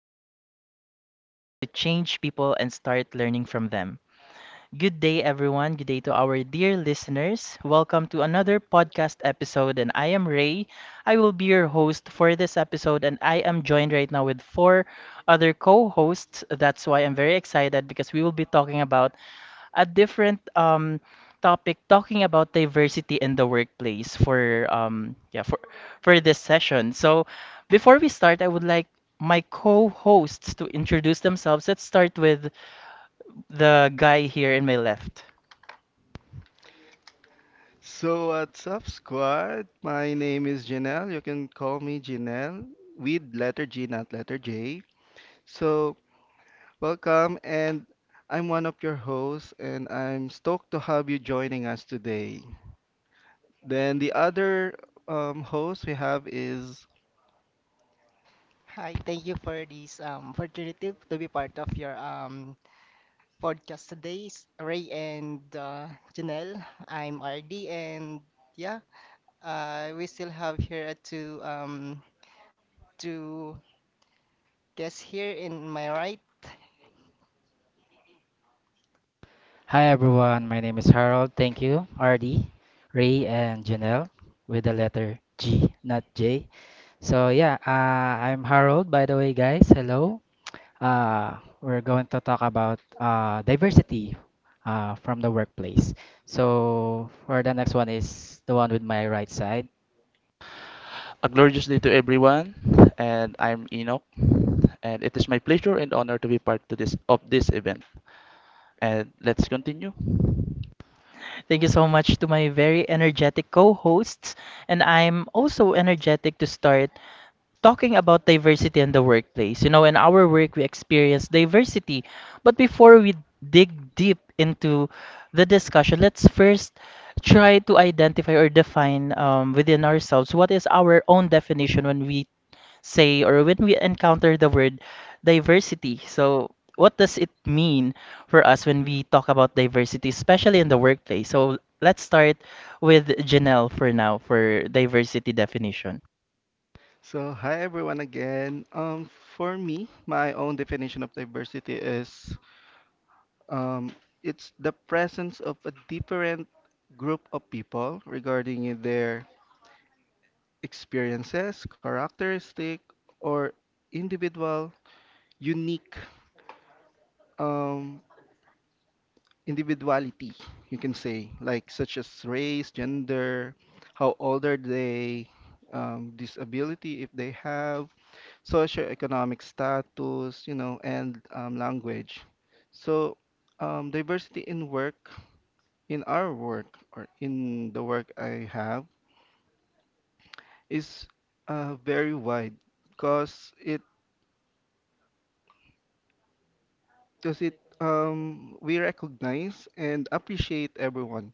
when we stop trying to change people and start learning from them. Good day, everyone. Good day to our dear listeners. Welcome to another podcast episode, and I am Ray. I will be your host for this episode, and I am joined right now with four other co hosts. That's why I'm very excited because we will be talking about a different topic, talking about diversity in the workplace for yeah, for this session. So before we start, I would like my co-hosts to introduce themselves. Let's start with the guy here in my left. So, what's up, squad? My name is Janelle. You can call me Janelle with letter G, not letter J. So, welcome, and I'm one of your hosts, and I'm stoked to have you joining us today. Then, the other host we have is Hi, thank you for this opportunity to be part of your podcast today, Ray and Janelle. I'm RD, and yeah, we still have here two guests here in my right. Hi everyone, my name is Harold. Thank you, RD, Ray, and Janelle with the letter G, not J. So yeah, I'm Harold. By the way, guys, hello. We're going to talk about diversity from the workplace. So for the next one is the one with my right side. A glorious day to everyone, and I'm Enoch, and it is my pleasure and honor to be part to this of this event. And let's continue. Thank you so much to my very energetic co-hosts, and I'm also energetic to start talking about diversity in the workplace. You know, in our work, we experience diversity. But before we dig deep into the discussion, let's first try to identify or define, within ourselves what is our own definition when we say or when we encounter the word diversity. So, what does it mean for us when we talk about diversity, especially in the workplace? So, let's start with Janelle for now for diversity definition. so, hi everyone again. For me, my own definition of diversity is um, it's the presence of a different group of people regarding their experiences, characteristic, or individual, unique um, individuality, you can say, like such as race, gender, how old are they, disability if they have, socioeconomic status, and language. So, diversity in work, in our work, or in the work I have, is very wide because it because it we recognize and appreciate everyone,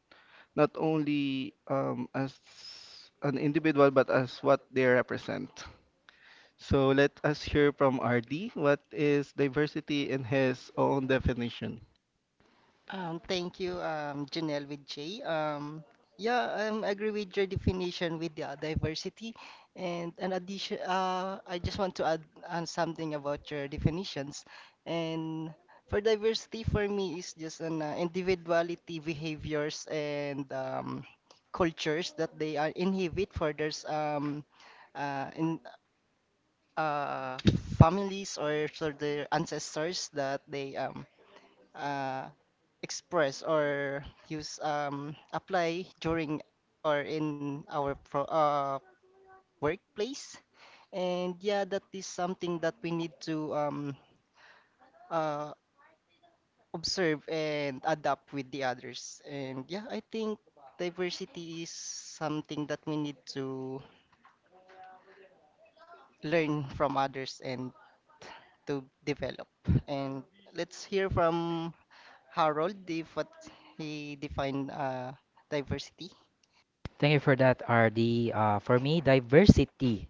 not only as an individual but as what they represent. So let us hear from RD what is diversity in his own definition. Thank you, Janelle with J. Yeah, I agree with your definition with the diversity. And an addition, I just want to add on something about your definitions. And for diversity, for me, is just an individuality, behaviors, and cultures that they are inhibit for their in uh, families or for their ancestors that they uh, express or use apply during or in our pro workplace. And yeah, that is something that we need to uh, observe and adapt with the others. And yeah, I think diversity is something that we need to learn from others and to develop. And let's hear from Harold if what he defined diversity. Thank you for that, RD. For me, diversity,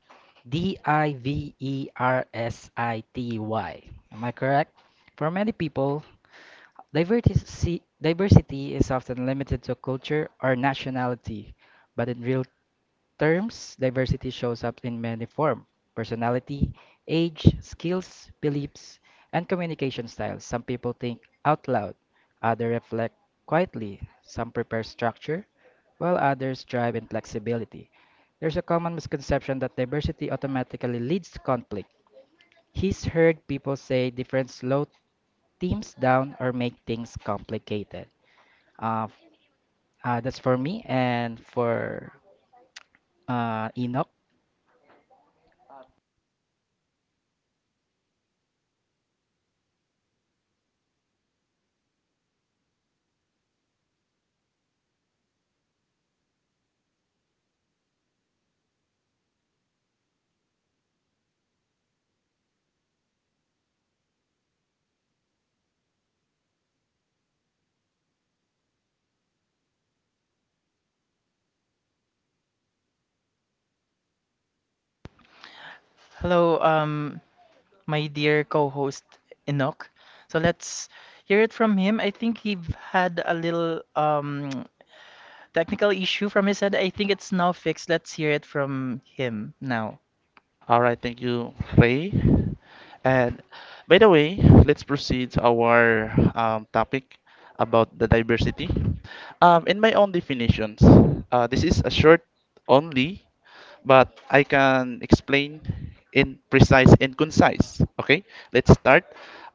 D I V E R S I T Y. Am I correct? For many people, diversity is often limited to culture or nationality, but in real terms, diversity shows up in many forms: personality, age, skills, beliefs, and communication styles. Some people think out loud, others reflect quietly, some prepare structure, while others drive in flexibility. There's a common misconception that diversity automatically leads to conflict. He's heard people say different slow teams down or make things complicated. Uh, f- that's for me, and for Enoch. Hello, my dear co-host Enoch. So let's hear it from him. I think he had a little technical issue from his end. I think it's now fixed. Let's hear it from him now. All right, thank you, Ray. And By the way, let's proceed to our topic about the diversity. In my own definitions, this is a short only, but I can explain in precise and concise. Okay, let's start.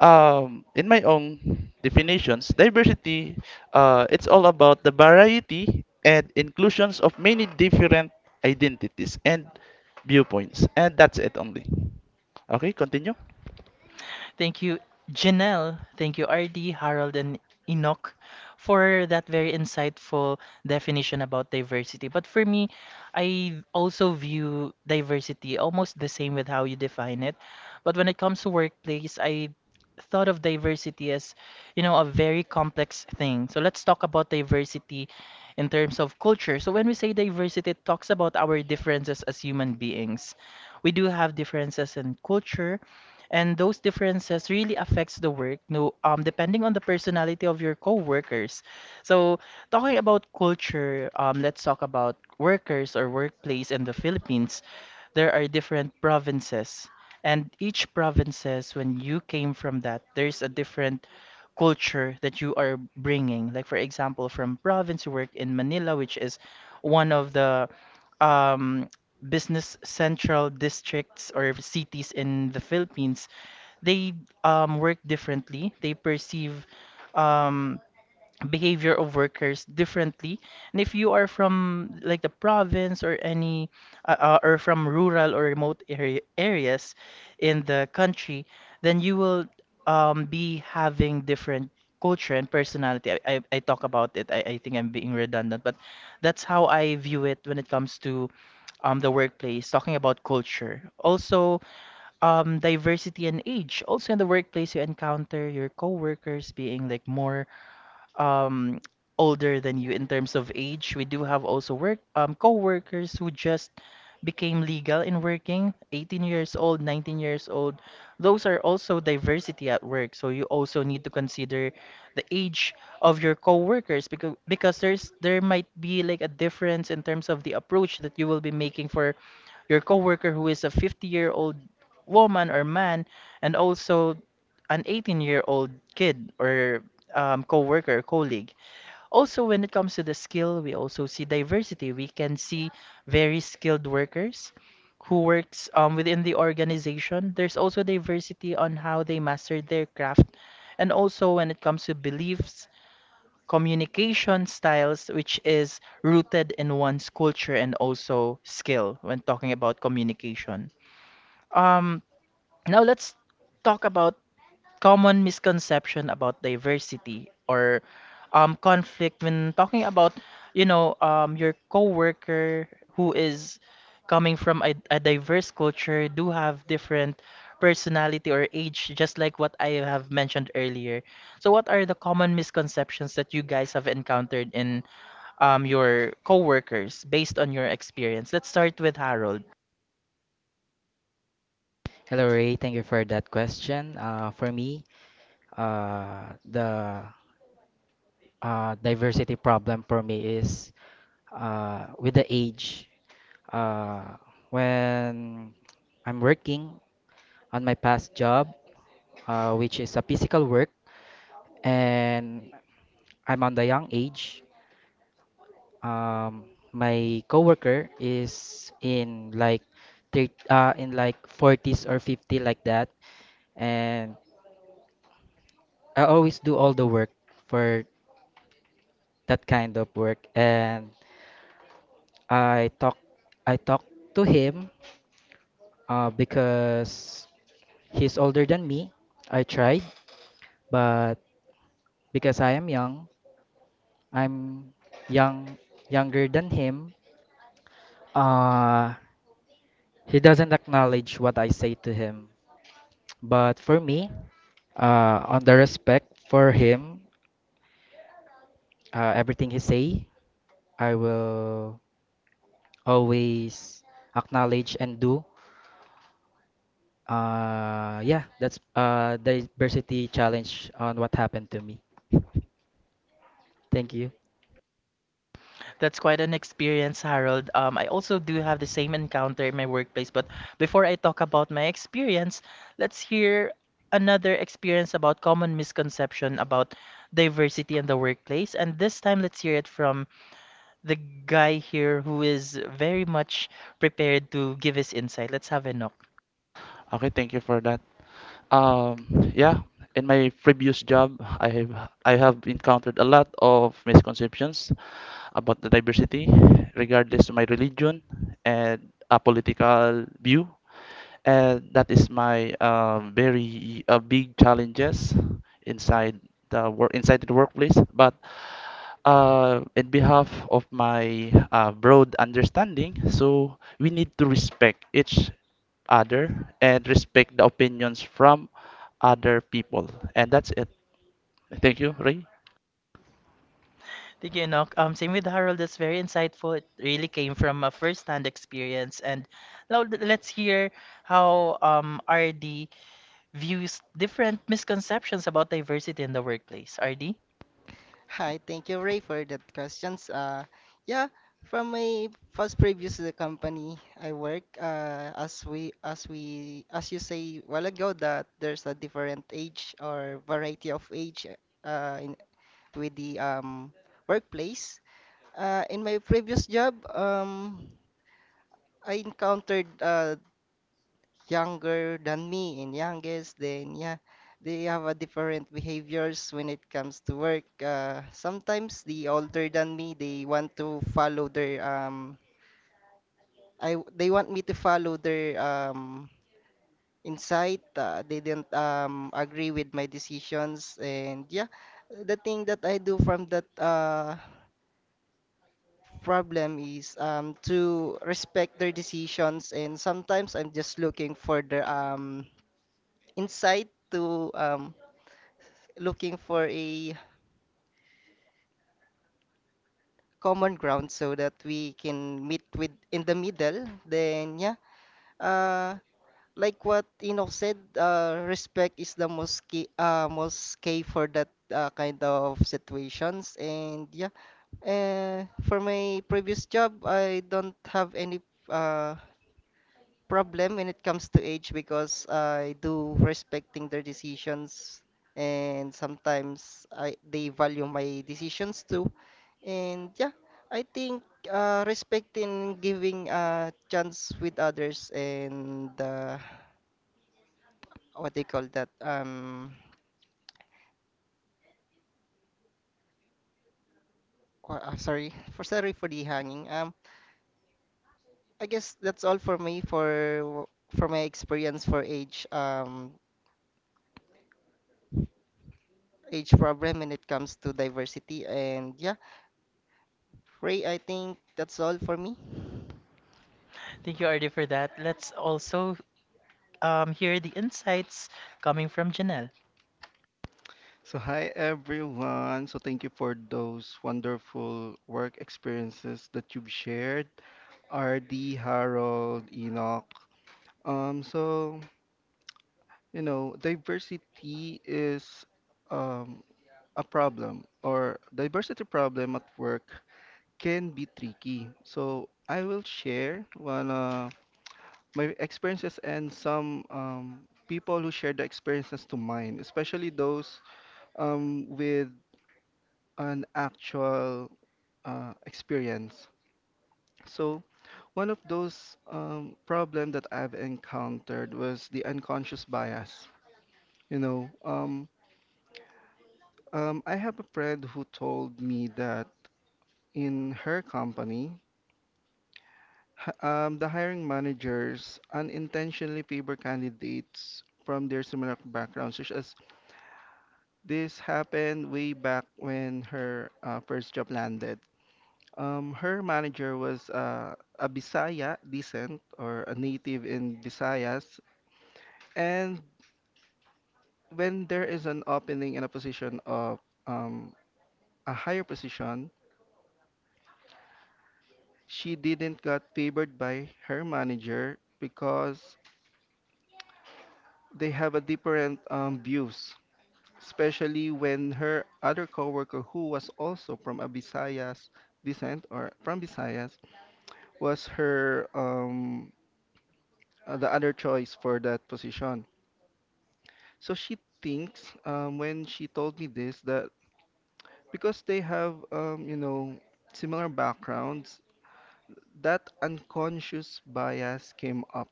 In my own definitions, diversity, it's all about the variety and inclusions of many different identities and viewpoints, and that's it only. Okay, continue. Thank you, Janelle. Thank you, RD, Harold, and Enoch for that very insightful definition about diversity. But for me, I also view diversity almost the same with how you define it. But when it comes to workplace, I thought of diversity as, you know, a very complex thing. So let's talk about diversity in terms of culture. So when we say diversity, it talks about our differences as human beings. We do have differences in culture, and those differences really affects the work, no, depending on the personality of your co-workers. So talking about culture, let's talk about workers or workplace in the Philippines. There are different provinces, and each provinces, when you came from that, there's a different culture that you are bringing. Like for example, from province you work in Manila, which is one of the um business central districts or cities in the Philippines. They work differently. They perceive um, behavior of workers differently. And if you are from like the province or any or from rural or remote area, areas in the country, then you will be having different culture and personality. I talk about it. I think I'm being redundant, but that's how I view it when it comes to the workplace, talking about culture. Also, diversity and age. Also in the workplace, you encounter your coworkers being like more um, older than you in terms of age. We do have also work co-workers who just became legal in working, 18 years old, 19 years old. Those are also diversity at work. So you also need to consider the age of your co-workers, because there's there might be like a difference in terms of the approach that you will be making for your coworker who is a 50-year-old woman or man, and also an 18-year-old kid or worker colleague. Also, when it comes to the skill, we also see diversity. We can see very skilled workers who works within the organization. There's also diversity on how they master their craft, and also when it comes to beliefs, communication styles, which is rooted in one's culture and also skill when talking about communication. Um, now let's talk about common misconception about diversity or conflict when talking about, you know, your coworker who is coming from a diverse culture do have different personality or age, just like what I have mentioned earlier. So, what are the common misconceptions that you guys have encountered in your coworkers based on your experience? Let's start with Harold. Hello, Ray. Thank you for that question. For me, the diversity problem for me is with the age. Uh, when I'm working on my past job, which is a physical work, and I'm on the young age, um my coworker is in like 40s or 50, like that, and I always do all the work for that kind of work. And I talk I talk to him because he's older than me. I tried, but because I am young I'm young younger than him, uh he doesn't acknowledge what I say to him. But for me, on the respect for him, everything he say, I will always acknowledge and do. Yeah, that's the diversity challenge on what happened to me. Thank you. That's quite an experience, Harold. I also do have the same encounter in my workplace, but before I talk about my experience, let's hear another experience about common misconception about diversity in the workplace. And this time, let's hear it from the guy here who is very much prepared to give his insight. Let's have Enoch. Okay, thank you for that. Um, yeah, in my previous job, I have encountered a lot of misconceptions about the diversity, regardless of my religion and a political view, and that is my very big challenges inside the work inside the workplace. But in behalf of my broad understanding, so we need to respect each other and respect the opinions from other people. And that's it. Thank you, Ray. Thank you, Enoch. Same with Harold. That's very insightful. It really came from a first-hand experience. And now let's hear how, RD views different misconceptions about diversity in the workplace. RD, Hi, thank you, Ray, for that questions. Yeah, from my first previous to the company I work, as you say a while ago that there's a different age or variety of age in with the workplace. In my previous job, I encountered younger than me and youngest, then yeah, they have a different behaviors when it comes to work. Sometimes the older than me, they want to follow their they want me to follow their insight. They didn't agree with my decisions, and yeah, the thing that I do from that problem is to respect their decisions, and sometimes I'm just looking for their insight to looking for a common ground so that we can meet with in the middle. Then yeah, uh, like what Enoch said, respect is the most key for that kind of situations. And yeah, for my previous job, I don't have any uh, problem when it comes to age because I do respecting their decisions. And sometimes they value my decisions too. And yeah, I think respecting giving a chance with others and what they call that sorry for the hanging. I guess that's all for me for my experience for age problem when it comes to diversity. And yeah, Ray, I think that's all for me. thank you, RD, for that. Let's also hear the insights coming from Janelle. So hi everyone. So thank you for those wonderful work experiences that you've shared. RD, Harold, Enoch. So diversity is um a problem or diversity problem at work can be tricky. So I will share one my experiences and some people who share the experiences to mine, especially those with an actual experience. So one of those problem that I've encountered was the unconscious bias. You know, um, I have a friend who told me that in her company, the hiring managers unintentionally favor candidates from their similar backgrounds, such as this happened way back when her first job landed. Her manager was a Bisaya descent or a native in Visayas, and when there is an opening in a position of um, a higher position, she didn't got favored by her manager because they have a different views, especially when her other coworker, who was also from a Visayas descent or from Visayas, was her the other choice for that position. So she thinks when she told me this that because they have, you know, similar backgrounds, that unconscious bias came up.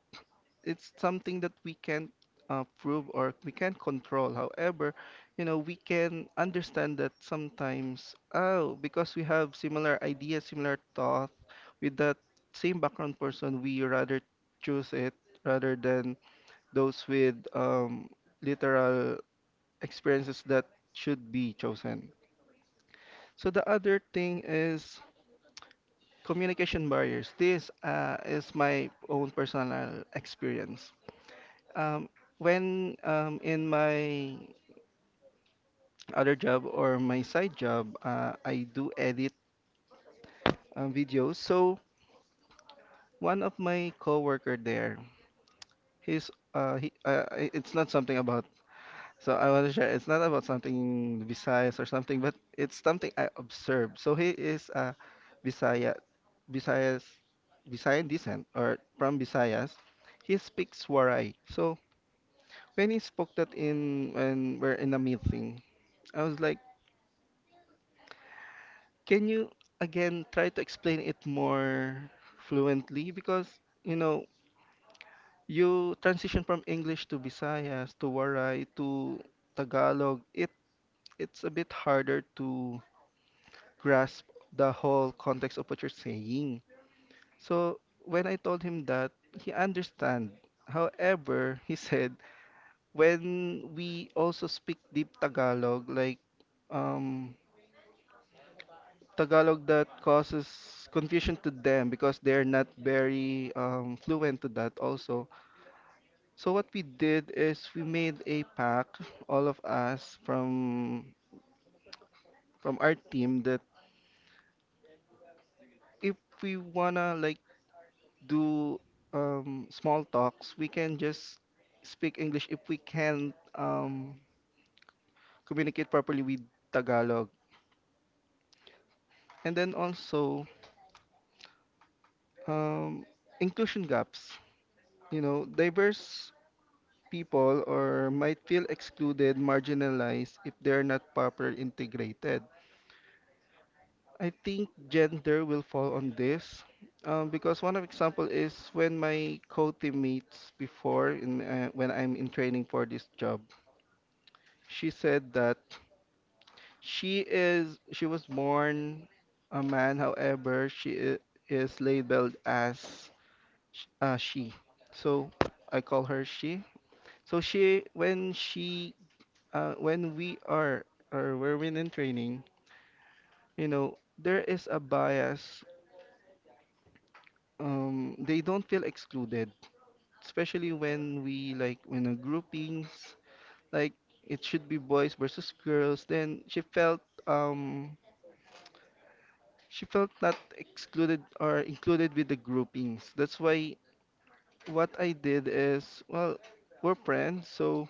It's something that we can't prove or we can't control. However, you know, we can understand that sometimes, oh, because we have similar ideas, similar thought with that same background person, we rather choose it rather than those with literal experiences that should be chosen. So the other thing is communication barriers. This is my own personal experience. Um, when In my other job or my side job, I do edit videos. So one of my coworker there, it's not something about. So I want to share. It's not about something Visayas or something, but it's something I observed. So he is a Visaya, Visayas, Visayan descent or from Visayas. He speaks Waray. So when he spoke that in when we're in a meeting, I was like. Can you again try to explain it more fluently? Because, you know, you transition from English to Visayas to Waray to Tagalog. It's a bit harder to grasp the whole context of what you're saying. So when I told him that, he understand. However, he said when we also speak deep Tagalog, like um Tagalog, that causes confusion to them because they're not very fluent to that also. So what we did is we made a pact, all of us from our team, that if we wanna like do small talks, we can just speak English if we can communicate properly with Tagalog. And then also um, inclusion gaps. You know, diverse people or might feel excluded, marginalized if they're not properly integrated. I think gender will fall on this, because one of example is when my co-teammates before in, when I'm in training for this job, she said that she was born a man, however is labeled as she. So I call her she. So she when we are or we're when in training, you know, there is a bias. They don't feel excluded, especially when we like when a groupings like it should be boys versus girls. Then she felt not excluded or included with the groupings. That's why what I did is, well, we're friends, so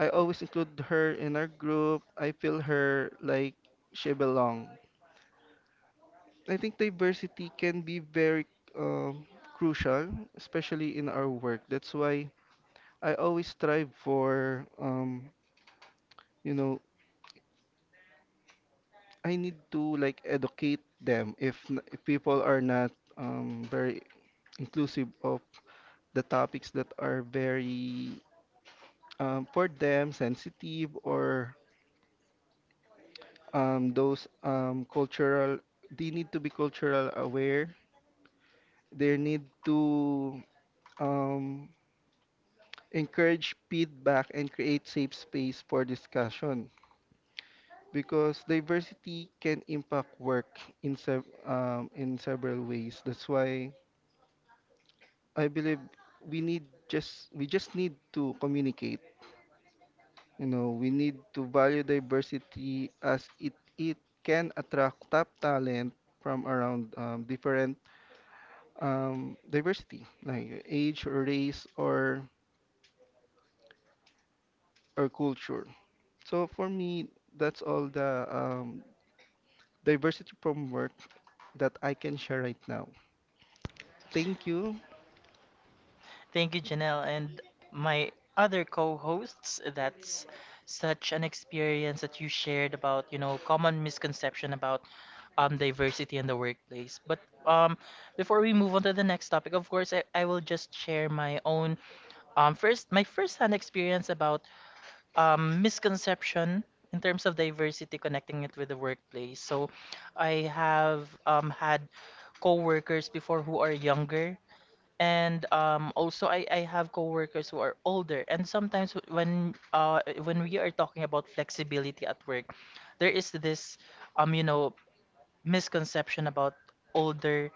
I always include her in our group. I feel her like she belong. I think diversity can be very um, crucial, especially in our work. That's why I always strive for, you know, I need to like educate them if, if people are not very inclusive of the topics that are very for them sensitive or those cultural. They need to be cultural aware. They need to um, encourage feedback and create safe space for discussion, because diversity can impact work in in several ways. That's why I believe we just need to communicate. You know, we need to value diversity as it can attract top talent from around different diversity like age or race or culture. So for me, that's all the diversity from work that I can share right now. Thank you. Thank you, Janelle, and my other co-hosts. That's such an experience that you shared about, you know, common misconception about diversity in the workplace. But um, before we move on to the next topic, of course, I will just share my own first, my first hand experience about misconception in terms of diversity, connecting it with the workplace. So I have had coworkers before who are younger. And also, I have coworkers who are older. And sometimes when we are talking about flexibility at work, there is this you know misconception about older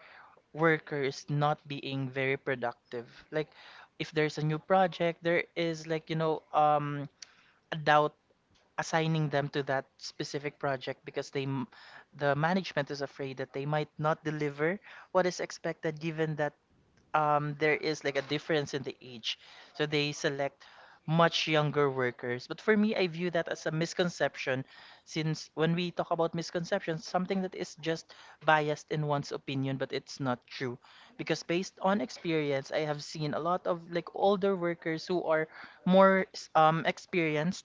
workers not being very productive. Like if there's a new project, there is like, you know, a doubt assigning them to that specific project because the management is afraid that they might not deliver what is expected, given that there is like a difference in the age, so they select much younger workers. But for me, I view that as a misconception, since when we talk about misconceptions, something that is just biased in one's opinion, but it's not true, because based on experience, I have seen a lot of like older workers who are more experienced.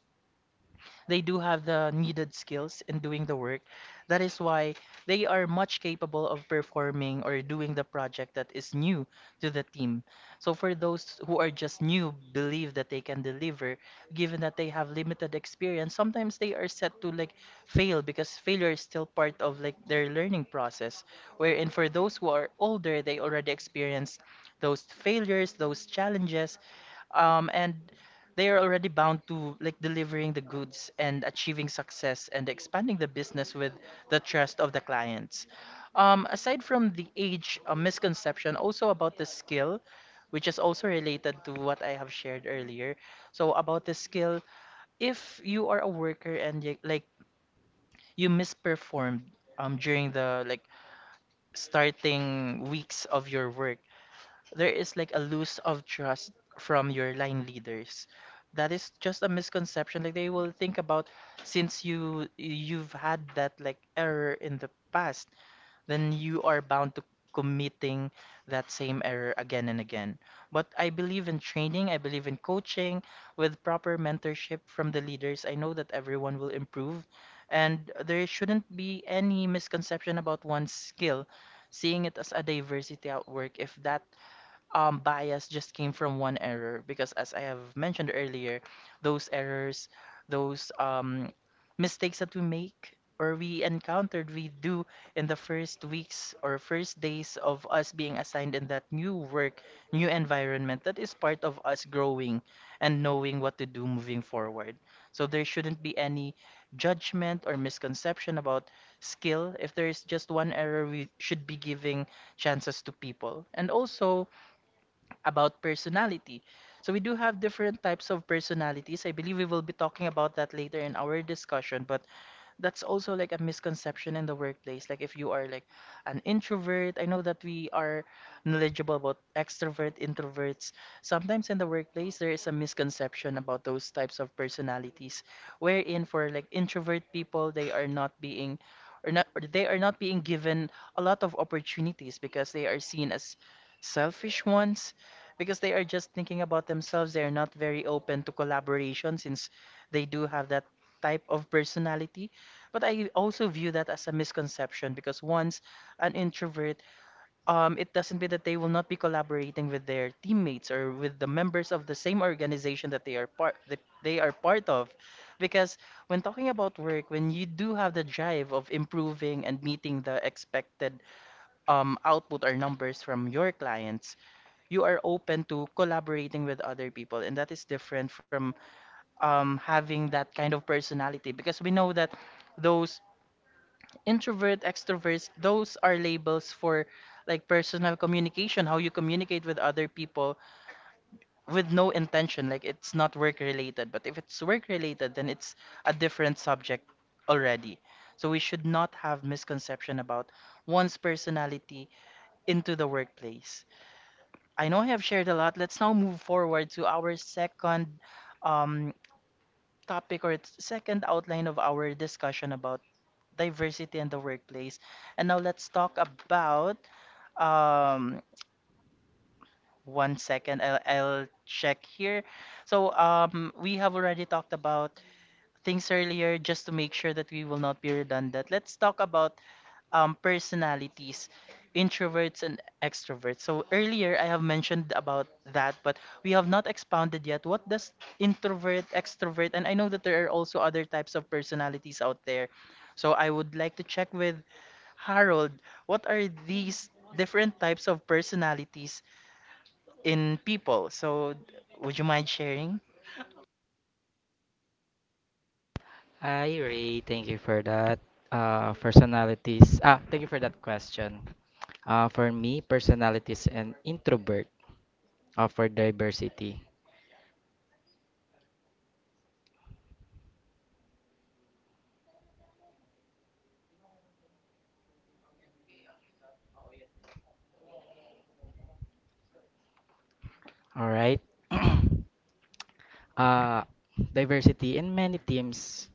They do have the needed skills in doing the work. That is why they are much capable of performing or doing the project that is new to the team. So for those who are just new, believe that they can deliver, given that they have limited experience, sometimes they are set to like fail because failure is still part of like their learning process. Wherein for those who are older, they already experienced those failures, those challenges, and they are already bound to like delivering the goods and achieving success and expanding the business with the trust of the clients. Aside from the age, misconception, also about the skill, which is also related to what I have shared earlier. So about the skill, if you are a worker and you, like, you misperformed during the like starting weeks of your work, there is like a loss of trust from your line leaders. That is just a misconception. Like they will think about, since you've had that like error in the past, then you are bound to committing that same error again and again. But I believe in training, I believe in coaching with proper mentorship from the leaders. I know that everyone will improve, and there shouldn't be any misconception about one skill, seeing it as a diversity at work if that bias just came from one error. Because as I have mentioned earlier, those errors, those, mistakes that we make or we encountered, we do in the first weeks or first days of us being assigned in that new work, new environment, that is part of us growing and knowing what to do moving forward. So there shouldn't be any judgment or misconception about skill. If there is just one error, we should be giving chances to people. And also, about personality. So we do have different types of personalities. I believe we will be talking about that later in our discussion, but that's also like a misconception in the workplace. Like if you are like an introvert, I know that we are knowledgeable about extrovert, introverts. Sometimes in the workplace there is a misconception about those types of personalities, wherein for like introvert people, they are not being, or not, or they are not being given a lot of opportunities because they are seen as selfish ones because they are just thinking about themselves. They are not very open to collaboration since they do have that type of personality. But I also view that as a misconception, because once an introvert, it doesn't mean that they will not be collaborating with their teammates or with the members of the same organization that they are part of. Because when talking about work, when you do have the drive of improving and meeting the expected output or numbers from your clients, you are open to collaborating with other people, and that is different from having that kind of personality because we know that those introvert extrovert those are labels for like personal communication, how you communicate with other people with no intention, like it's not work related, but if it's work related then it's a different subject already. So we should not have misconception about one's personality into the workplace. I know I have shared a lot. Let's now move forward to our second um, topic, or it's second outline of our discussion about diversity in the workplace. And now let's talk about um one second. I'll check here. So we have already talked about things earlier, just to make sure that we will not be redundant. Let's talk about personalities, introverts and extroverts. So earlier I have mentioned about that, but we have not expounded yet. What does introvert, extrovert, and I know that there are also other types of personalities out there. So I would like to check with Harold, what are these different types of personalities in people? So, would you mind sharing? Hi, Ray. Thank you for that. Personalities. Ah, thank you for that question. For me, personalities and introvert, for diversity. All right. uh, Diversity in many teams.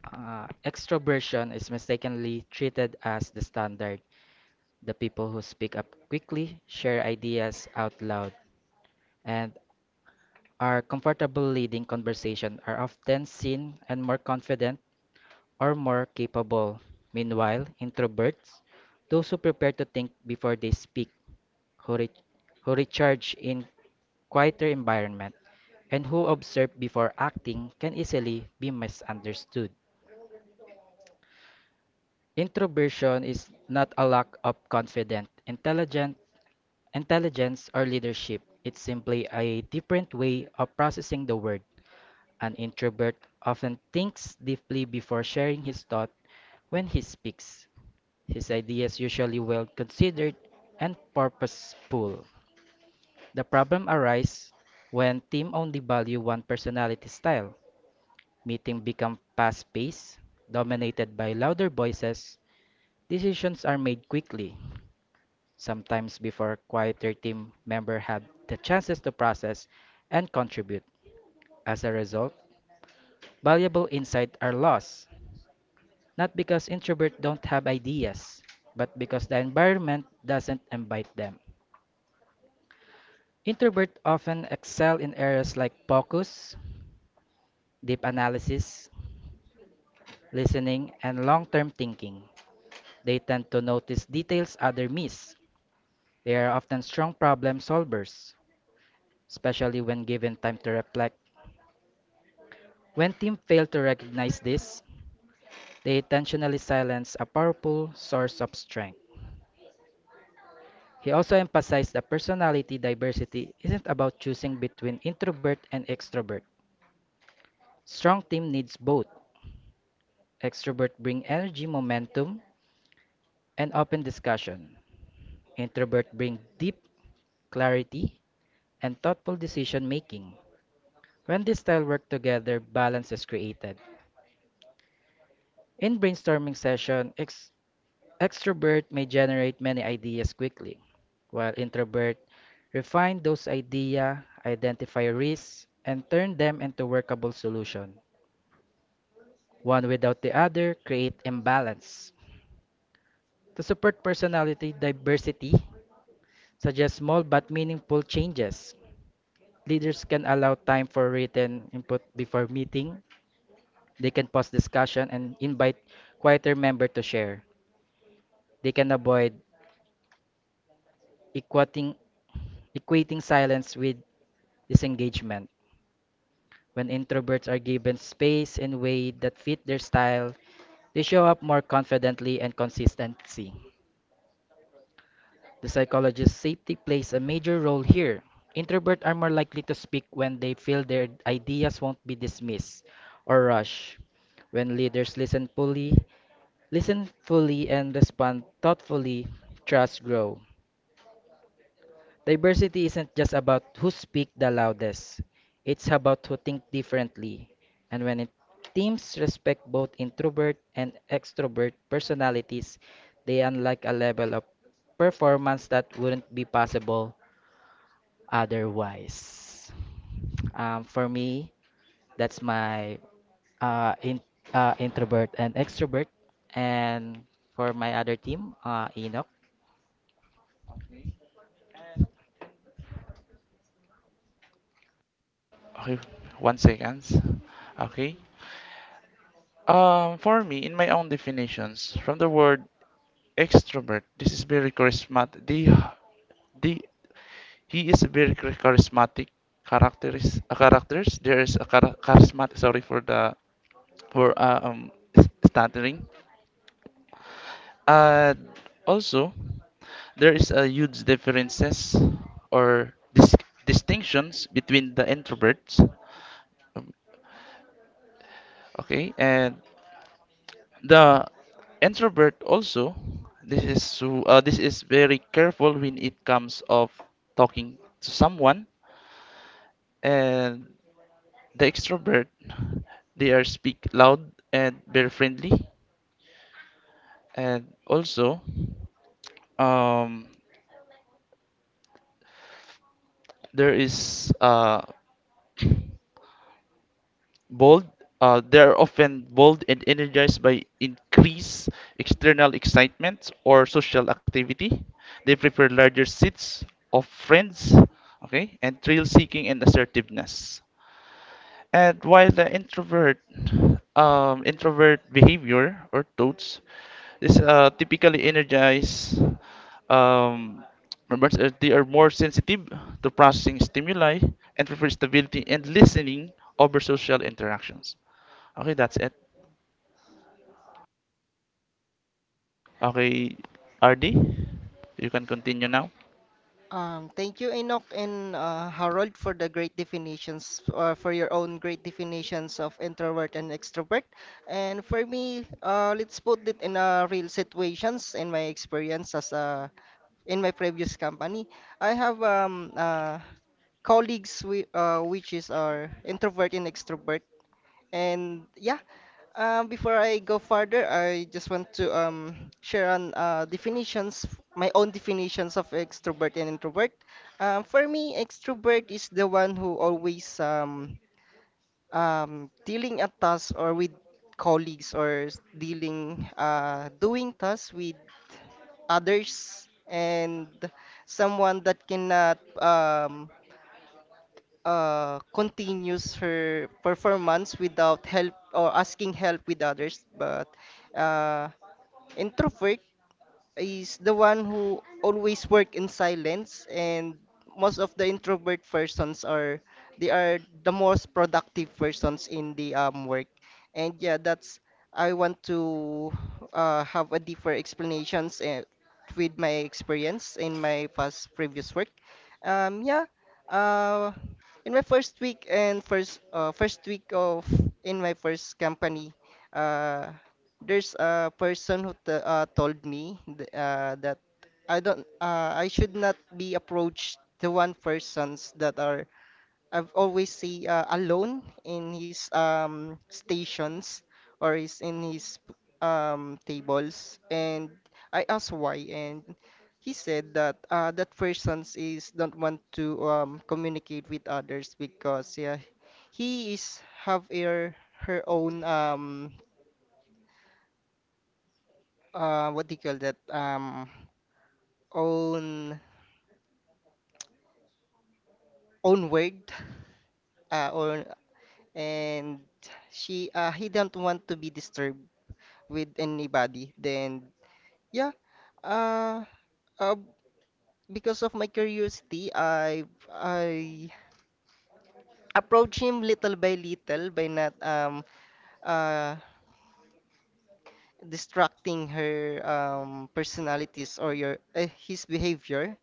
Extroversion is mistakenly treated as the standard. The people who speak up quickly, share ideas out loud, and are comfortable leading conversation are often seen and more confident or more capable. Meanwhile, introverts, those who prepare to think before they speak, who, re- who recharge in quieter environment, and who observe before acting can easily be misunderstood. Introversion is not a lack of confidence, intelligence, or leadership. It's simply a different way of processing the world. An introvert often thinks deeply before sharing his thought when he speaks. His ideas usually well considered and purposeful. The problem arises when team only value one personality style. Meeting become fast-paced, dominated by louder voices. Decisions are made quickly, sometimes before quieter team members have the chances to process and contribute. As a result, valuable insights are lost, not because introverts don't have ideas, but because the environment doesn't invite them. Introverts often excel in areas like focus, deep analysis, listening, and long term thinking. They tend to notice details others miss. They are often strong problem solvers, especially when given time to reflect. When teams fail to recognize this, they intentionally silence a powerful source of strength. He also emphasized that personality diversity isn't about choosing between introvert and extrovert. Strong team needs both. Extrovert bring energy, momentum, and open discussion. Introvert bring deep clarity and thoughtful decision making. When this style work together, balance is created. In brainstorming session, extrovert may generate many ideas quickly, while introvert refine those ideas, identify risks, and turn them into workable solution. One without the other create imbalance. To support personality diversity, suggest small but meaningful changes. Leaders can allow time for written input before meeting. They can pause discussion and invite quieter member to share. They can avoid equating, equating silence with disengagement. When introverts are given space and weight that fit their style, they show up more confidently and consistency. The psychologist's safety plays a major role here. Introverts are more likely to speak when they feel their ideas won't be dismissed or rushed. When leaders listen fully and respond thoughtfully, trust grows. Diversity isn't just about who speak the loudest. It's about who think differently. And when it teams respect both introvert and extrovert personalities, they unlock a level of performance that wouldn't be possible otherwise. For me, that's my uh, in, introvert and extrovert. And for my other team, Enoch. Okay, one second. Okay. For me, in my own definitions, from the word extrovert, this is very charismatic. The, he is a very charismatic characters. There is a charismatic. Sorry for the for stuttering. Uh, also, there is a huge differences or distinctions between the introverts. Um, Okay, and the introvert also. This is very careful when it comes of talking to someone, and the extrovert they are speak loud and very friendly, and also um there is bold. They are often bold and energized by increased external excitement or social activity. They prefer larger seats of friends, okay, and thrill seeking and assertiveness. And while the introvert introvert behavior or thoughts is typically energized, um, remembrance, they are more sensitive to processing stimuli and prefer stability and listening over social interactions. Okay, that's it. Okay, RD, you can continue now. Thank you, Enoch and Harold, for the great definitions, for your own great definitions of introvert and extrovert. And for me, let's put it in real situations. In my experience in my previous company, I have colleagues which is are introvert and extrovert. And yeah, before I go further, I just want to share on definitions, my own definitions of extrovert and introvert. For me, extrovert is the one who always dealing a task or with colleagues or s- dealing doing tasks with others and someone that cannot continues her performance without help or asking help with others, but uh, Introvert is the one who always work in silence, and most of the introvert persons are they are the most productive persons in the work. And yeah, that's I want to have a deeper explanations with my experience in my past previous work. Yeah, uh in my first week and first week of in my first company uh there's a person who t told me th that I should not be approached to one persons that are I've always see alone in his stations or is in his tables, and I asked why, and he said that that persons is don't want to communicate with others because yeah he is have her own what do you call that own own word own, and she he don't want to be disturbed with anybody. Then yeah, uh, uh because of my curiosity I approach him little by little by not uh distracting her personalities or your his behavior.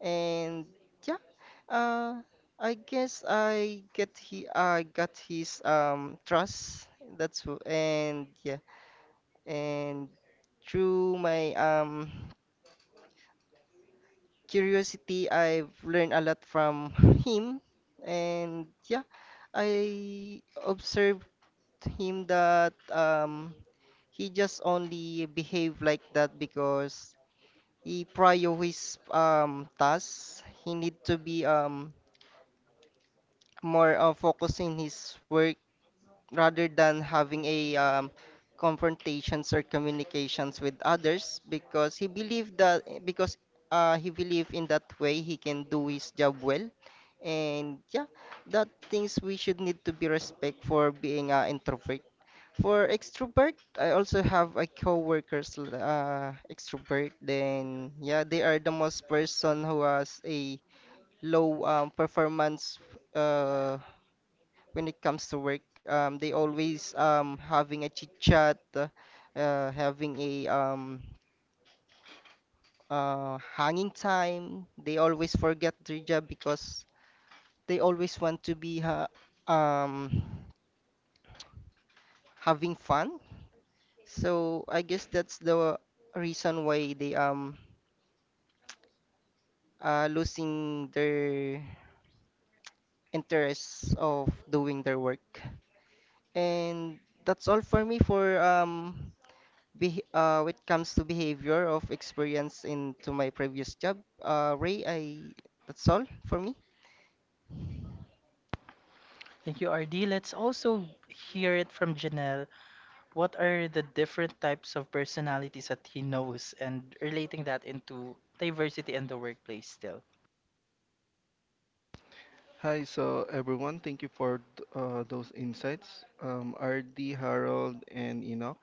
And yeah, uh, I guess I get he I got his trust, and yeah. And through my curiosity I've learned a lot from him. And yeah, I observed him that he just only behaved like that because he prior his tasks. He need to be more focused in his work rather than having a confrontations or communications with others, because he believed that, because he believed in that way he can do his job well. And yeah, that things we should need to be respect for being introvert. For extrovert, I also have a coworkers extrovert, then yeah, they are the most person who has a low performance uh when it comes to work. They always having a chit chat, having a hanging time. They always forget their job because they always want to be ha um having fun. So I guess that's the reason why they losing their interest of doing their work. And that's all for me for beh when it comes to behavior of experience into my previous job. Ray, I that's all for me. Thank you, RD. Let's also hear it from Janelle. What are the different types of personalities that he knows and relating that into diversity in the workplace still? Hi, so everyone, thank you for those insights, RD, Harold, and Enoch.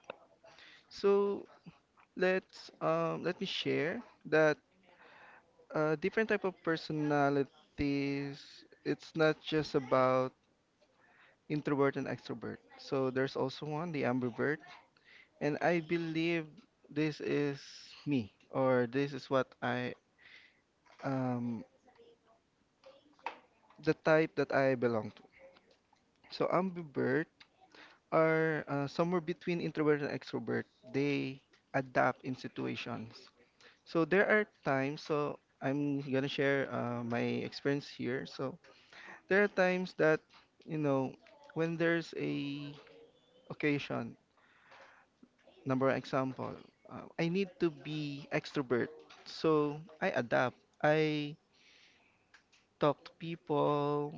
So let me share that different type of personalities. It's not just about introvert and extrovert. So there's also one, the ambivert, and I believe this is me, or this is what I um, the type that I belong to. So ambivert are somewhere between introvert and extrovert. They adapt in situations. So there are times, so I'm gonna share my experience here. So there are times that, you know, when there's a occasion, number one example, I need to be extrovert. So I adapt. I talk to people.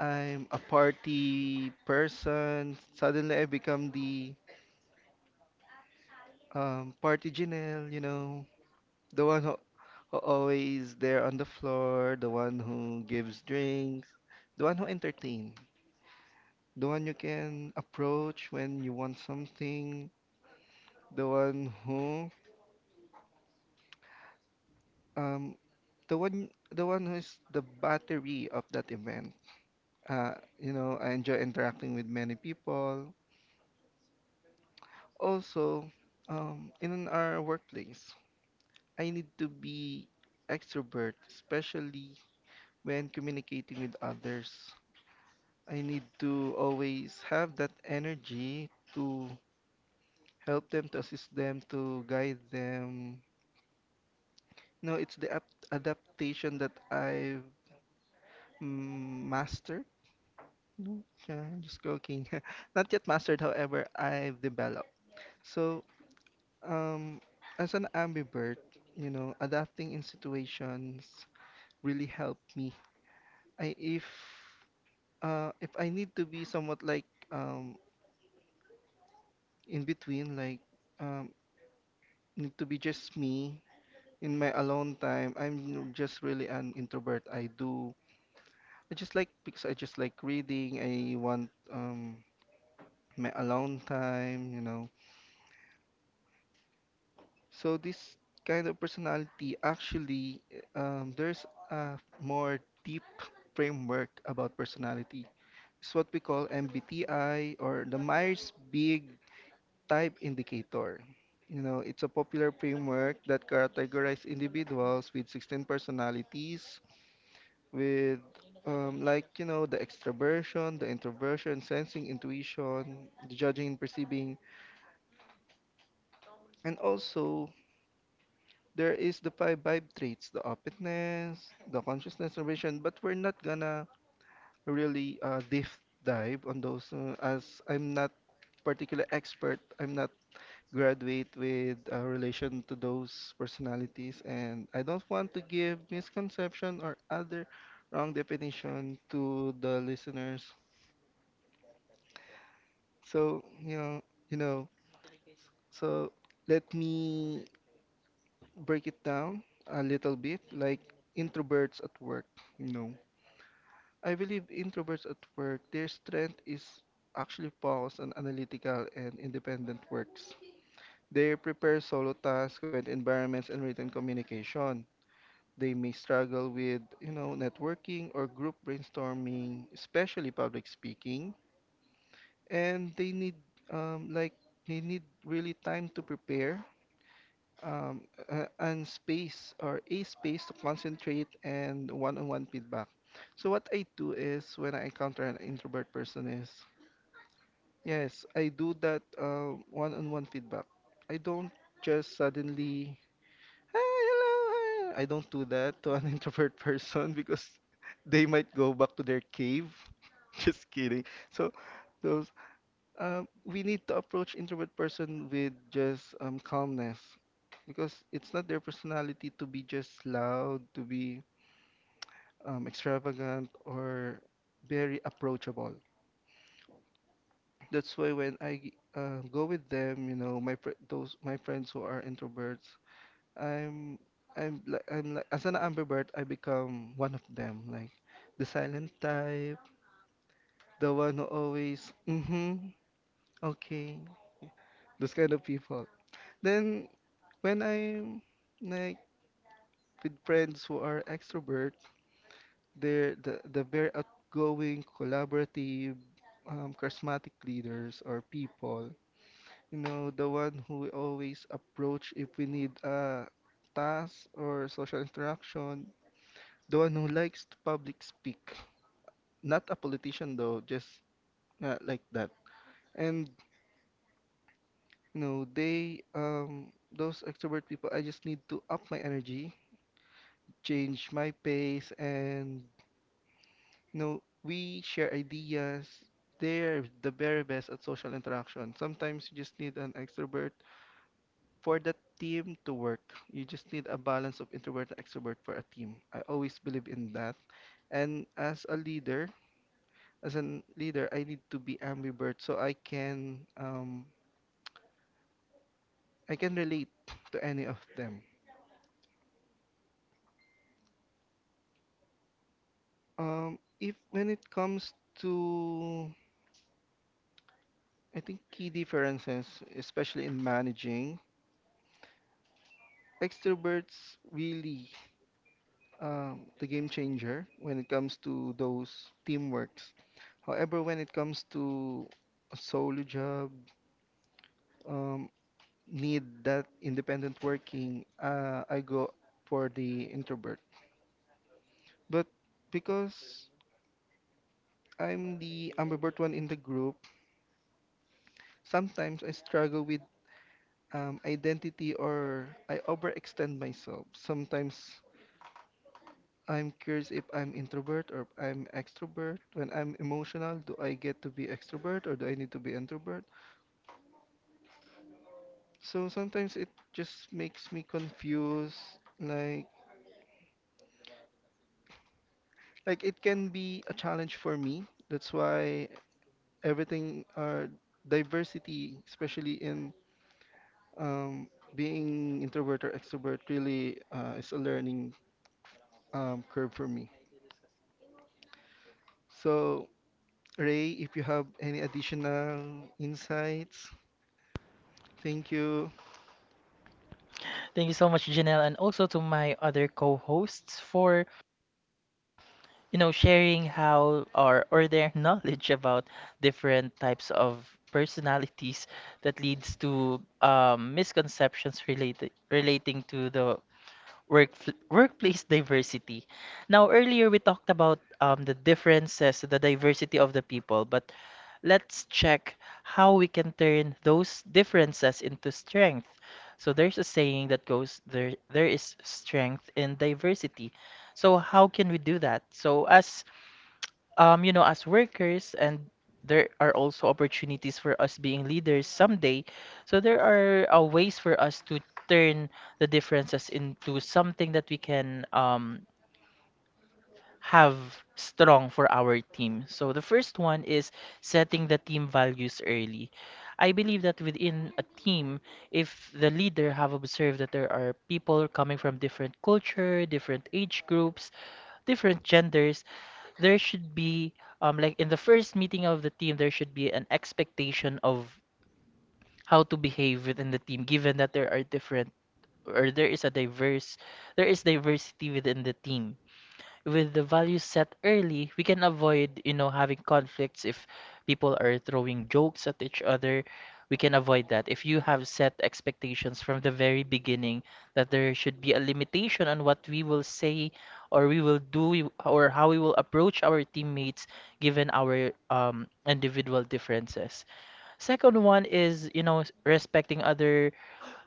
I'm a party person. Suddenly I become the Party Janelle, you know, the one who, who always there on the floor, the one who gives drinks, the one who entertain, the one you can approach when you want something, the one who, um, the one, the one who is the battery of that event. You know, I enjoy interacting with many people. Also, in our workplace, I need to be extrovert, especially when communicating with others. I need to always have that energy to help them, to assist them, to guide them. No, it's the adaptation that I've mastered. No, yeah, just joking. Not yet mastered, however, I've developed. So, um, as an ambivert, you know, adapting in situations really helped me. I if If I need to be somewhat like um, in between, like um, need to be just me in my alone time. I'm just really an introvert. I do. I just like because I just like reading. I want my alone time, you know. So this kind of personality actually there's a more deep framework about personality. It's what we call MBTI or the Myers-Briggs type indicator. You know, it's a popular framework that categorizes individuals with 16 personalities, with like you know the extroversion, the introversion, sensing, intuition, the judging and perceiving, and also there is the five vibe traits: the openness, the consciousness, innovation. But we're not gonna really deep dive on those, as I'm not particular expert. I'm not graduate with a relation to those personalities, and I don't want to give misconception or other wrong definition to the listeners. So, you know, so let me break it down a little bit, like introverts at work, you know. I believe introverts at work, their strength is actually focused on analytical and independent works. They prepare solo tasks, quiet environments, and written communication. They may struggle with, you know, networking or group brainstorming, especially public speaking, and they need um, like they need really time to prepare and space or a space to concentrate and one-on-one feedback. So what I do is when I encounter an introvert person is yes, I do that one-on-one feedback. I don't just suddenly "Hi, hello, hi." I don't do that to an introvert person because they might go back to their cave. Just kidding. So those we need to approach introvert person with just calmness, because it's not their personality to be just loud, to be extravagant or very approachable. That's why when I go with them, you know, those my friends who are introverts, I'm I'm like as an ambivert, I become one of them, like the silent type, the one who always mm-hmm, okay, those kind of people. Then when I'm like with friends who are extrovert, they're the very outgoing, collaborative, charismatic leaders or people. You know, the one who we always approach if we need a task or social interaction. The one who likes to public speak. Not a politician though, just like that. And you know, they those extrovert people, I just need to up my energy, change my pace, and you know, we share ideas. They're the very best at social interaction. Sometimes you just need an extrovert for the team to work. You just need a balance of introvert and extrovert for a team. I always believe in that. And as a leader, I need to be ambivert so I can relate to any of them. If When it comes to, I think, key differences, especially in managing, extroverts really the game changer when it comes to those teamworks. However, when it comes to a solo job, um, need that independent working, I go for the introvert. But because I'm the ambivert one in the group. Sometimes I struggle with identity or I overextend myself. Sometimes I'm curious if I'm introvert or I'm extrovert. When I'm emotional, do I get to be extrovert or do I need to be introvert? So sometimes it just makes me confused. Like like it can be a challenge for me. That's why everything are diversity, especially in um, being introvert or extrovert really is a learning curve for me. So, Ray, if you have any additional insights, thank you. Thank you so much, Janelle, and also to my other co hosts for, you know, sharing how or their knowledge about different types of personalities that leads to misconceptions related relating to the work, workplace diversity. Now, earlier we talked about the differences, the diversity of the people, but let's check how we can turn those differences into strength. So there's a saying that goes there is strength in diversity. So how can we do that? So as you know, as workers, and there are also opportunities for us being leaders someday. So there are ways for us to turn the differences into something that we can have strong for our team. So the first one is setting the team values early. I believe that within a team, if the leader have observed that there are people coming from different culture, different age groups, different genders, there should be like in the first meeting of the team there should be an expectation of how to behave within the team given that there are different or there is a diverse there is diversity within the team. With the values set early, we can avoid, you know, having conflicts if people are throwing jokes at each other. We can avoid that. If you have set expectations from the very beginning that there should be a limitation on what we will say or we will do or how we will approach our teammates given our individual differences. Second one is, you know, respecting other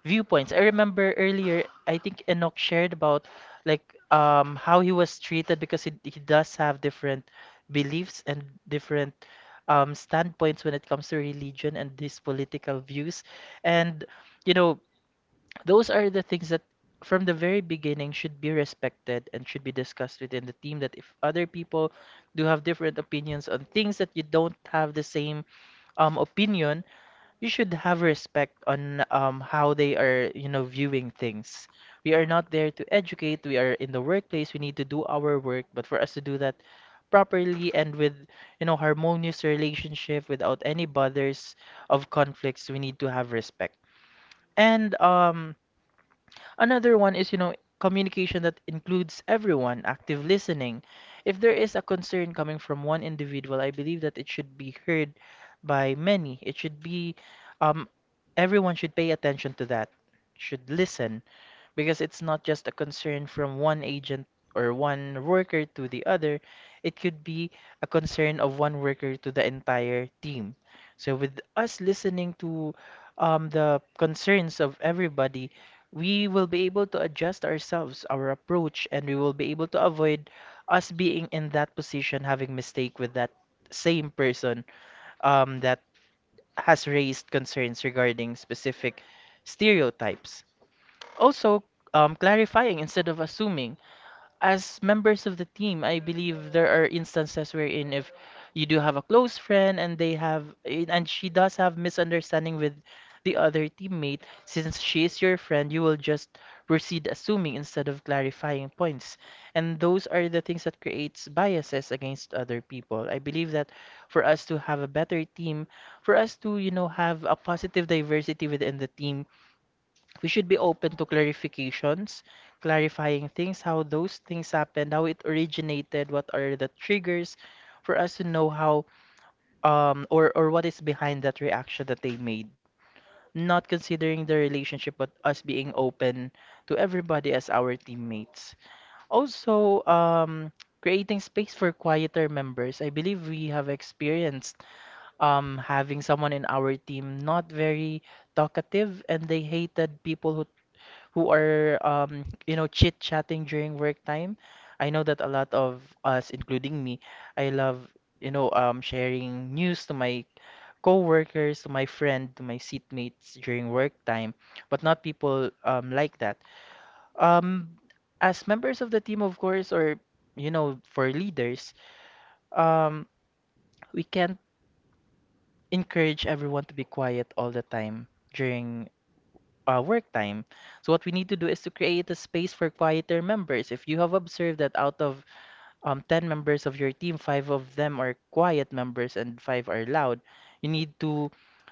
viewpoints. I remember earlier, I think Enoch shared about like how he was treated because he does have different beliefs and different standpoints when it comes to religion and these political views. And you know, those are the things that from the very beginning should be respected and should be discussed within the team, that if other people do have different opinions on things that you don't have the same opinion, you should have respect on how they are, you know, viewing things. We are not there to educate. We are in the workplace. We need to do our work. But for us to do that properly and with, you know, harmonious relationship without any bothers of conflicts, we need to have respect. And another one is, you know, communication that includes everyone, active listening. If there is a concern coming from one individual, I believe that it should be heard by many. It should be, um, everyone should pay attention to that, should listen, because it's not just a concern from one agent or one worker to the other. It could be a concern of one worker to the entire team. So with us listening to the concerns of everybody, we will be able to adjust ourselves, our approach, and we will be able to avoid us being in that position having mistake with that same person that has raised concerns regarding specific stereotypes. Also, clarifying instead of assuming. As members of the team, I believe there are instances wherein if you do have a close friend and she does have misunderstanding with the other teammate, since she is your friend, you will just proceed assuming instead of clarifying points. And those are the things that creates biases against other people. I believe that for us to have a better team, for us to, you know, have a positive diversity within the team, we should be open to clarifications, clarifying things, how those things happened, how it originated, what are the triggers for us to know how or what is behind that reaction that they made. Not considering the relationship, but us being open to everybody as our teammates. Also, creating space for quieter members. I believe we have experienced having someone in our team not very talkative, and they hated people who are you know, chit-chatting during work time. I know that a lot of us, including me, I love, you know, sharing news to my co-workers, to my friend, to my seatmates during work time, but not people like that. Um, as members of the team, of course, or you know, for leaders, um, we can't encourage everyone to be quiet all the time during work time. So what we need to do is to create a space for quieter members. If you have observed that out of 10 members of your team, five of them are quiet members and five are loud, you need to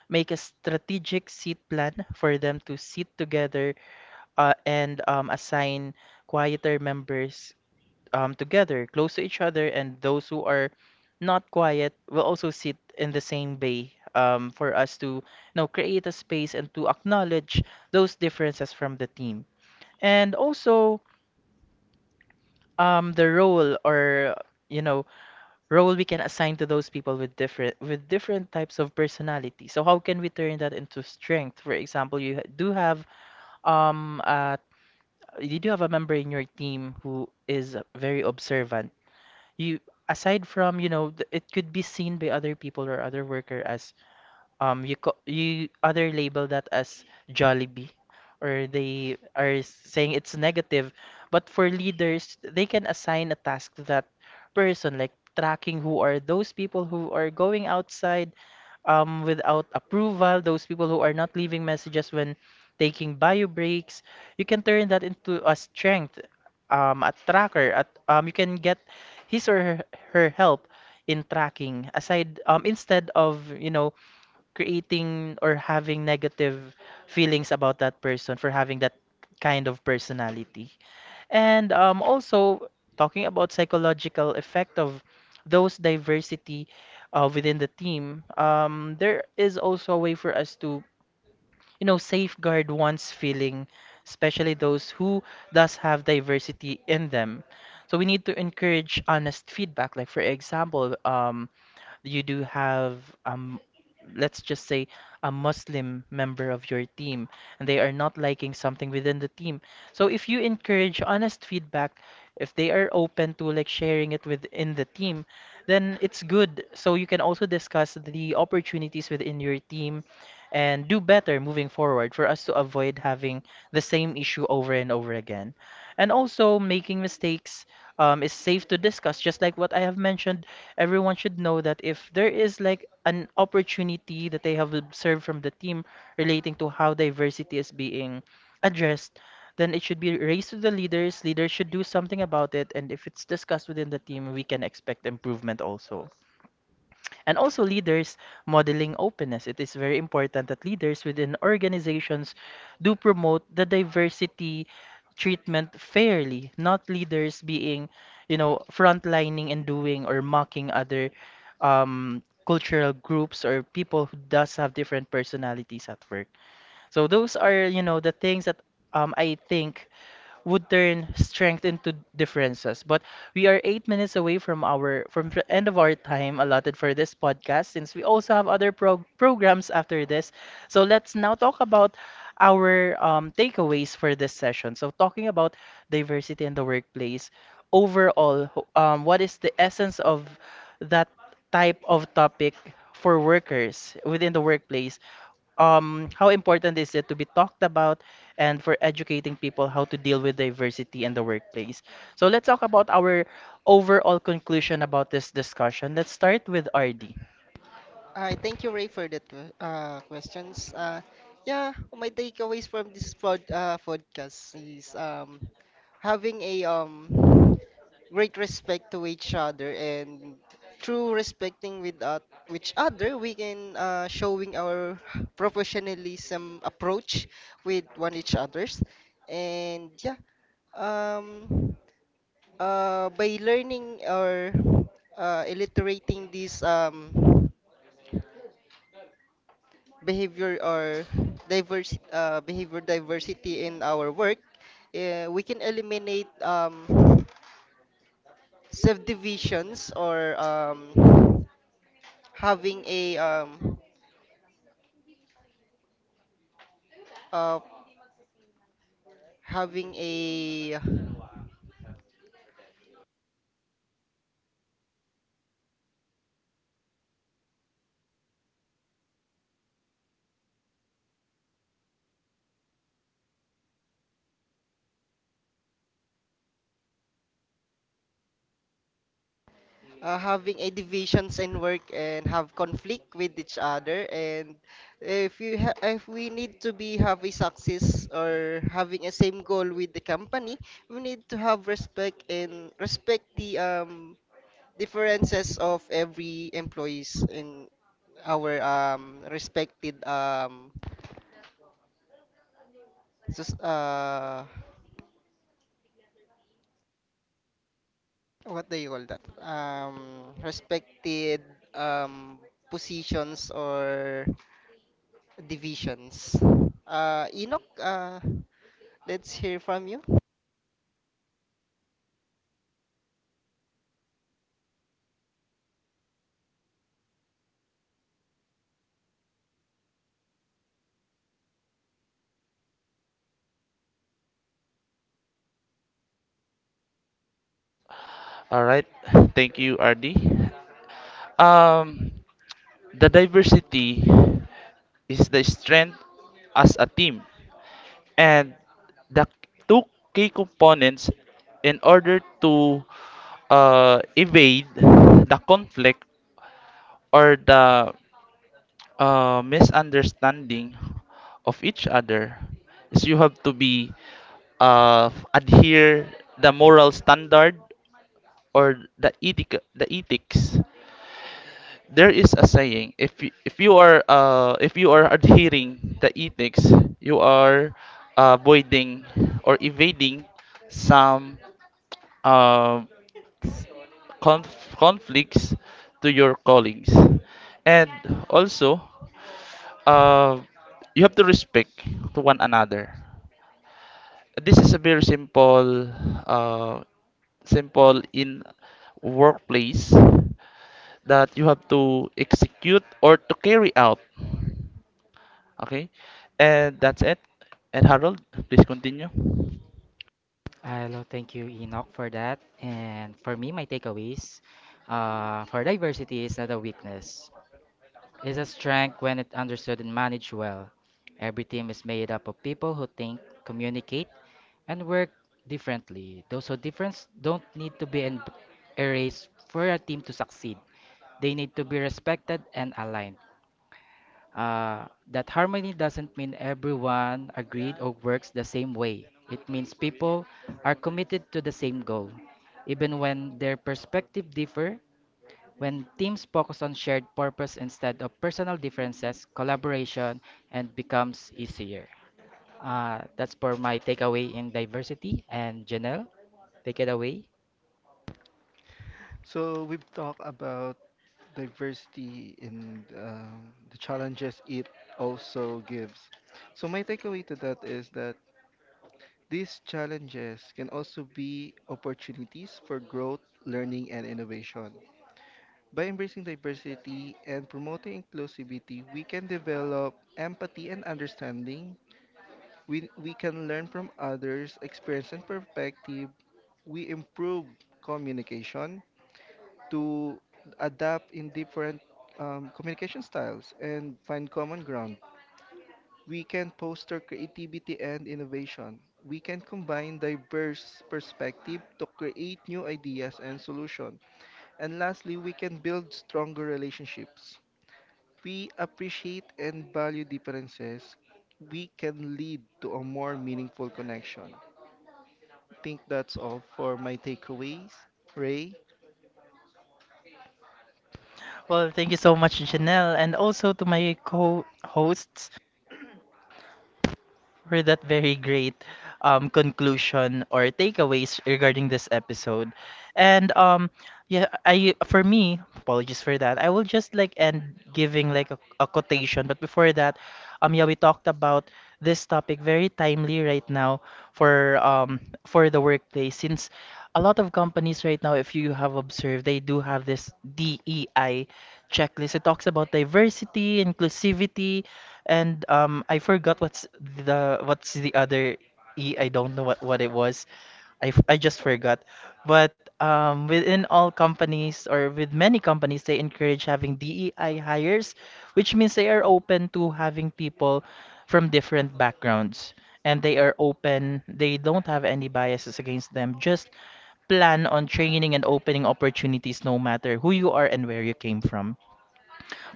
make a strategic seat plan for them to sit together and assign quieter members together, close to each other, and those who are not quiet will also sit in the same bay for us to you know, create a space and to acknowledge those differences from the team. And also the role or you know role we can assign to those people with different types of personality. So how can we turn that into strength? For example, um, uh, you do have a member in your team who is very observant. You, aside from you know it could be seen by other people or other worker as you other label that as Jollibee, or they are saying it's negative, but for leaders they can assign a task to that person, like tracking who are those people who are going outside without approval, those people who are not leaving messages when taking bio breaks. You can turn that into a strength, a tracker at you can get his or her, her help in tracking aside instead of you know creating or having negative feelings about that person for having that kind of personality. And also talking about psychological effect of those diversity within the team, there is also a way for us to, you know, safeguard one's feeling, especially those who does have diversity in them. So we need to encourage honest feedback. Like for example, you do have um let's just say a Muslim member of your team, and they are not liking something within the team. So if you encourage honest feedback, if they are open to like sharing it within the team, then it's good. So you can also discuss the opportunities within your team and do better moving forward for us to avoid having the same issue over and over again. And also making mistakes is safe to discuss. Just like what I have mentioned, everyone should know that if there is like an opportunity that they have observed from the team relating to how diversity is being addressed, then it should be raised to the leaders. Leaders should do something about it, and if it's discussed within the team, we can expect improvement also. And also leaders modeling openness. It is very important that leaders within organizations do promote the diversity treatment fairly, not leaders being, you know, frontlining and doing or mocking other um, cultural groups or people who does have different personalities at work. So those are, you know, the things that I think would turn strength into differences. But we are 8 minutes away from our from the end of our time allotted for this podcast, since we also have other programs after this. So let's now talk about our takeaways for this session. So talking about diversity in the workplace overall, what is the essence of that type of topic for workers within the workplace? How important is it to be talked about and for educating people how to deal with diversity in the workplace. So let's talk about our overall conclusion about this discussion. Let's start with RD. Hi, thank you, Ray, for that questions. Yeah, my takeaways from this podcast is having a great respect to each other, and through respecting with each other, we can showing our professionalism approach with one each others. And yeah, um, by learning or illiterating these behavior or diverse behavior diversity in our work, we can eliminate subdivisions, or having a um, uh, having a having a divisions in work and have conflict with each other. And if you ha- if we need to be have a success or having a same goal with the company, we need to have respect and respect the differences of every employees in our respected sus- uh what do you call that respected um positions or divisions. Enoch, let's hear from you. All right, thank you, RD. Um, the diversity is the strength as a team, and the two key components in order to evade the conflict or the misunderstanding of each other is you have to be adhere the moral standard or the ethics. There is a saying, if you are adhering the ethics, you are avoiding or evading some uh, conflicts to your colleagues. And also, uh, you have to respect to one another. This is a very simple, uh, simple in workplace that you have to execute or to carry out. Okay, and that's it. And Harold, please continue. Hello, thank you, Enoch, for that. And for me, my takeaways for diversity is not a weakness, it's a strength when it understood and managed well. Every team is made up of people who think, communicate, and work differently. Those who difference don't need to be erased for a team to succeed. They need to be respected and aligned. Uh, that harmony doesn't mean everyone agreed or works the same way. It means people are committed to the same goal, even when their perspective differ. When teams focus on shared purpose instead of personal differences, collaboration and becomes easier. That's for my takeaway in diversity. And Janelle, take it away. So, we've talked about diversity and the challenges it also gives. So, my takeaway to that is that these challenges can also be opportunities for growth, learning, and innovation. By embracing diversity and promoting inclusivity, we can develop empathy and understanding. We can learn from others' experience and perspective. We improve communication to adapt in different communication styles and find common ground. We can foster creativity and innovation. We can combine diverse perspective to create new ideas and solutions. And lastly, we can build stronger relationships. We appreciate and value differences, we can lead to a more meaningful connection. I think that's all for my takeaways. Ray, Well, thank you so much, Janelle, and also to my co-hosts for that very great conclusion or takeaways regarding this episode. And yeah, I for me, apologies for that. I will just like end giving like a quotation, but before that, yeah, we talked about this topic very timely right now for um for the workplace since a lot of companies right now, if you have observed, they do have this DEI checklist. It talks about diversity, inclusivity, and I forgot what's the other E. I don't know what it was. I just forgot. But within all companies or with many companies, they encourage having DEI hires, which means they are open to having people from different backgrounds. And they are open, they don't have any biases against them. Just plan on training and opening opportunities no matter who you are and where you came from.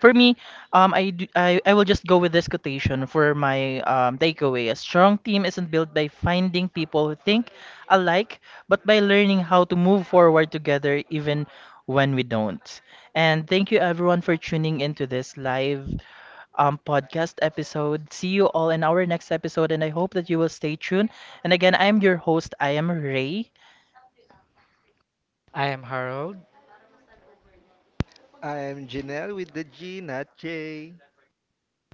For me, I will just go with this quotation for my takeaway. A strong team isn't built by finding people who think alike, but by learning how to move forward together even when we don't. And thank you everyone for tuning into this live podcast episode. See you all in our next episode, and I hope that you will stay tuned. And again, I'm your host, I am Ray. I am Harold. I am Janelle with the G, not J.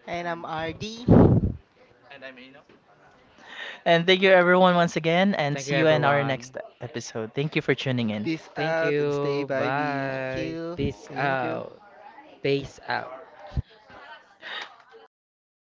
And I'm RD, And thank you everyone once again, and Thank you, see you in our everyone. next episode. Thank you for tuning in. Peace Thank out and stay you. vibey. thank Bye. you. Peace Thank you. out. Peace out.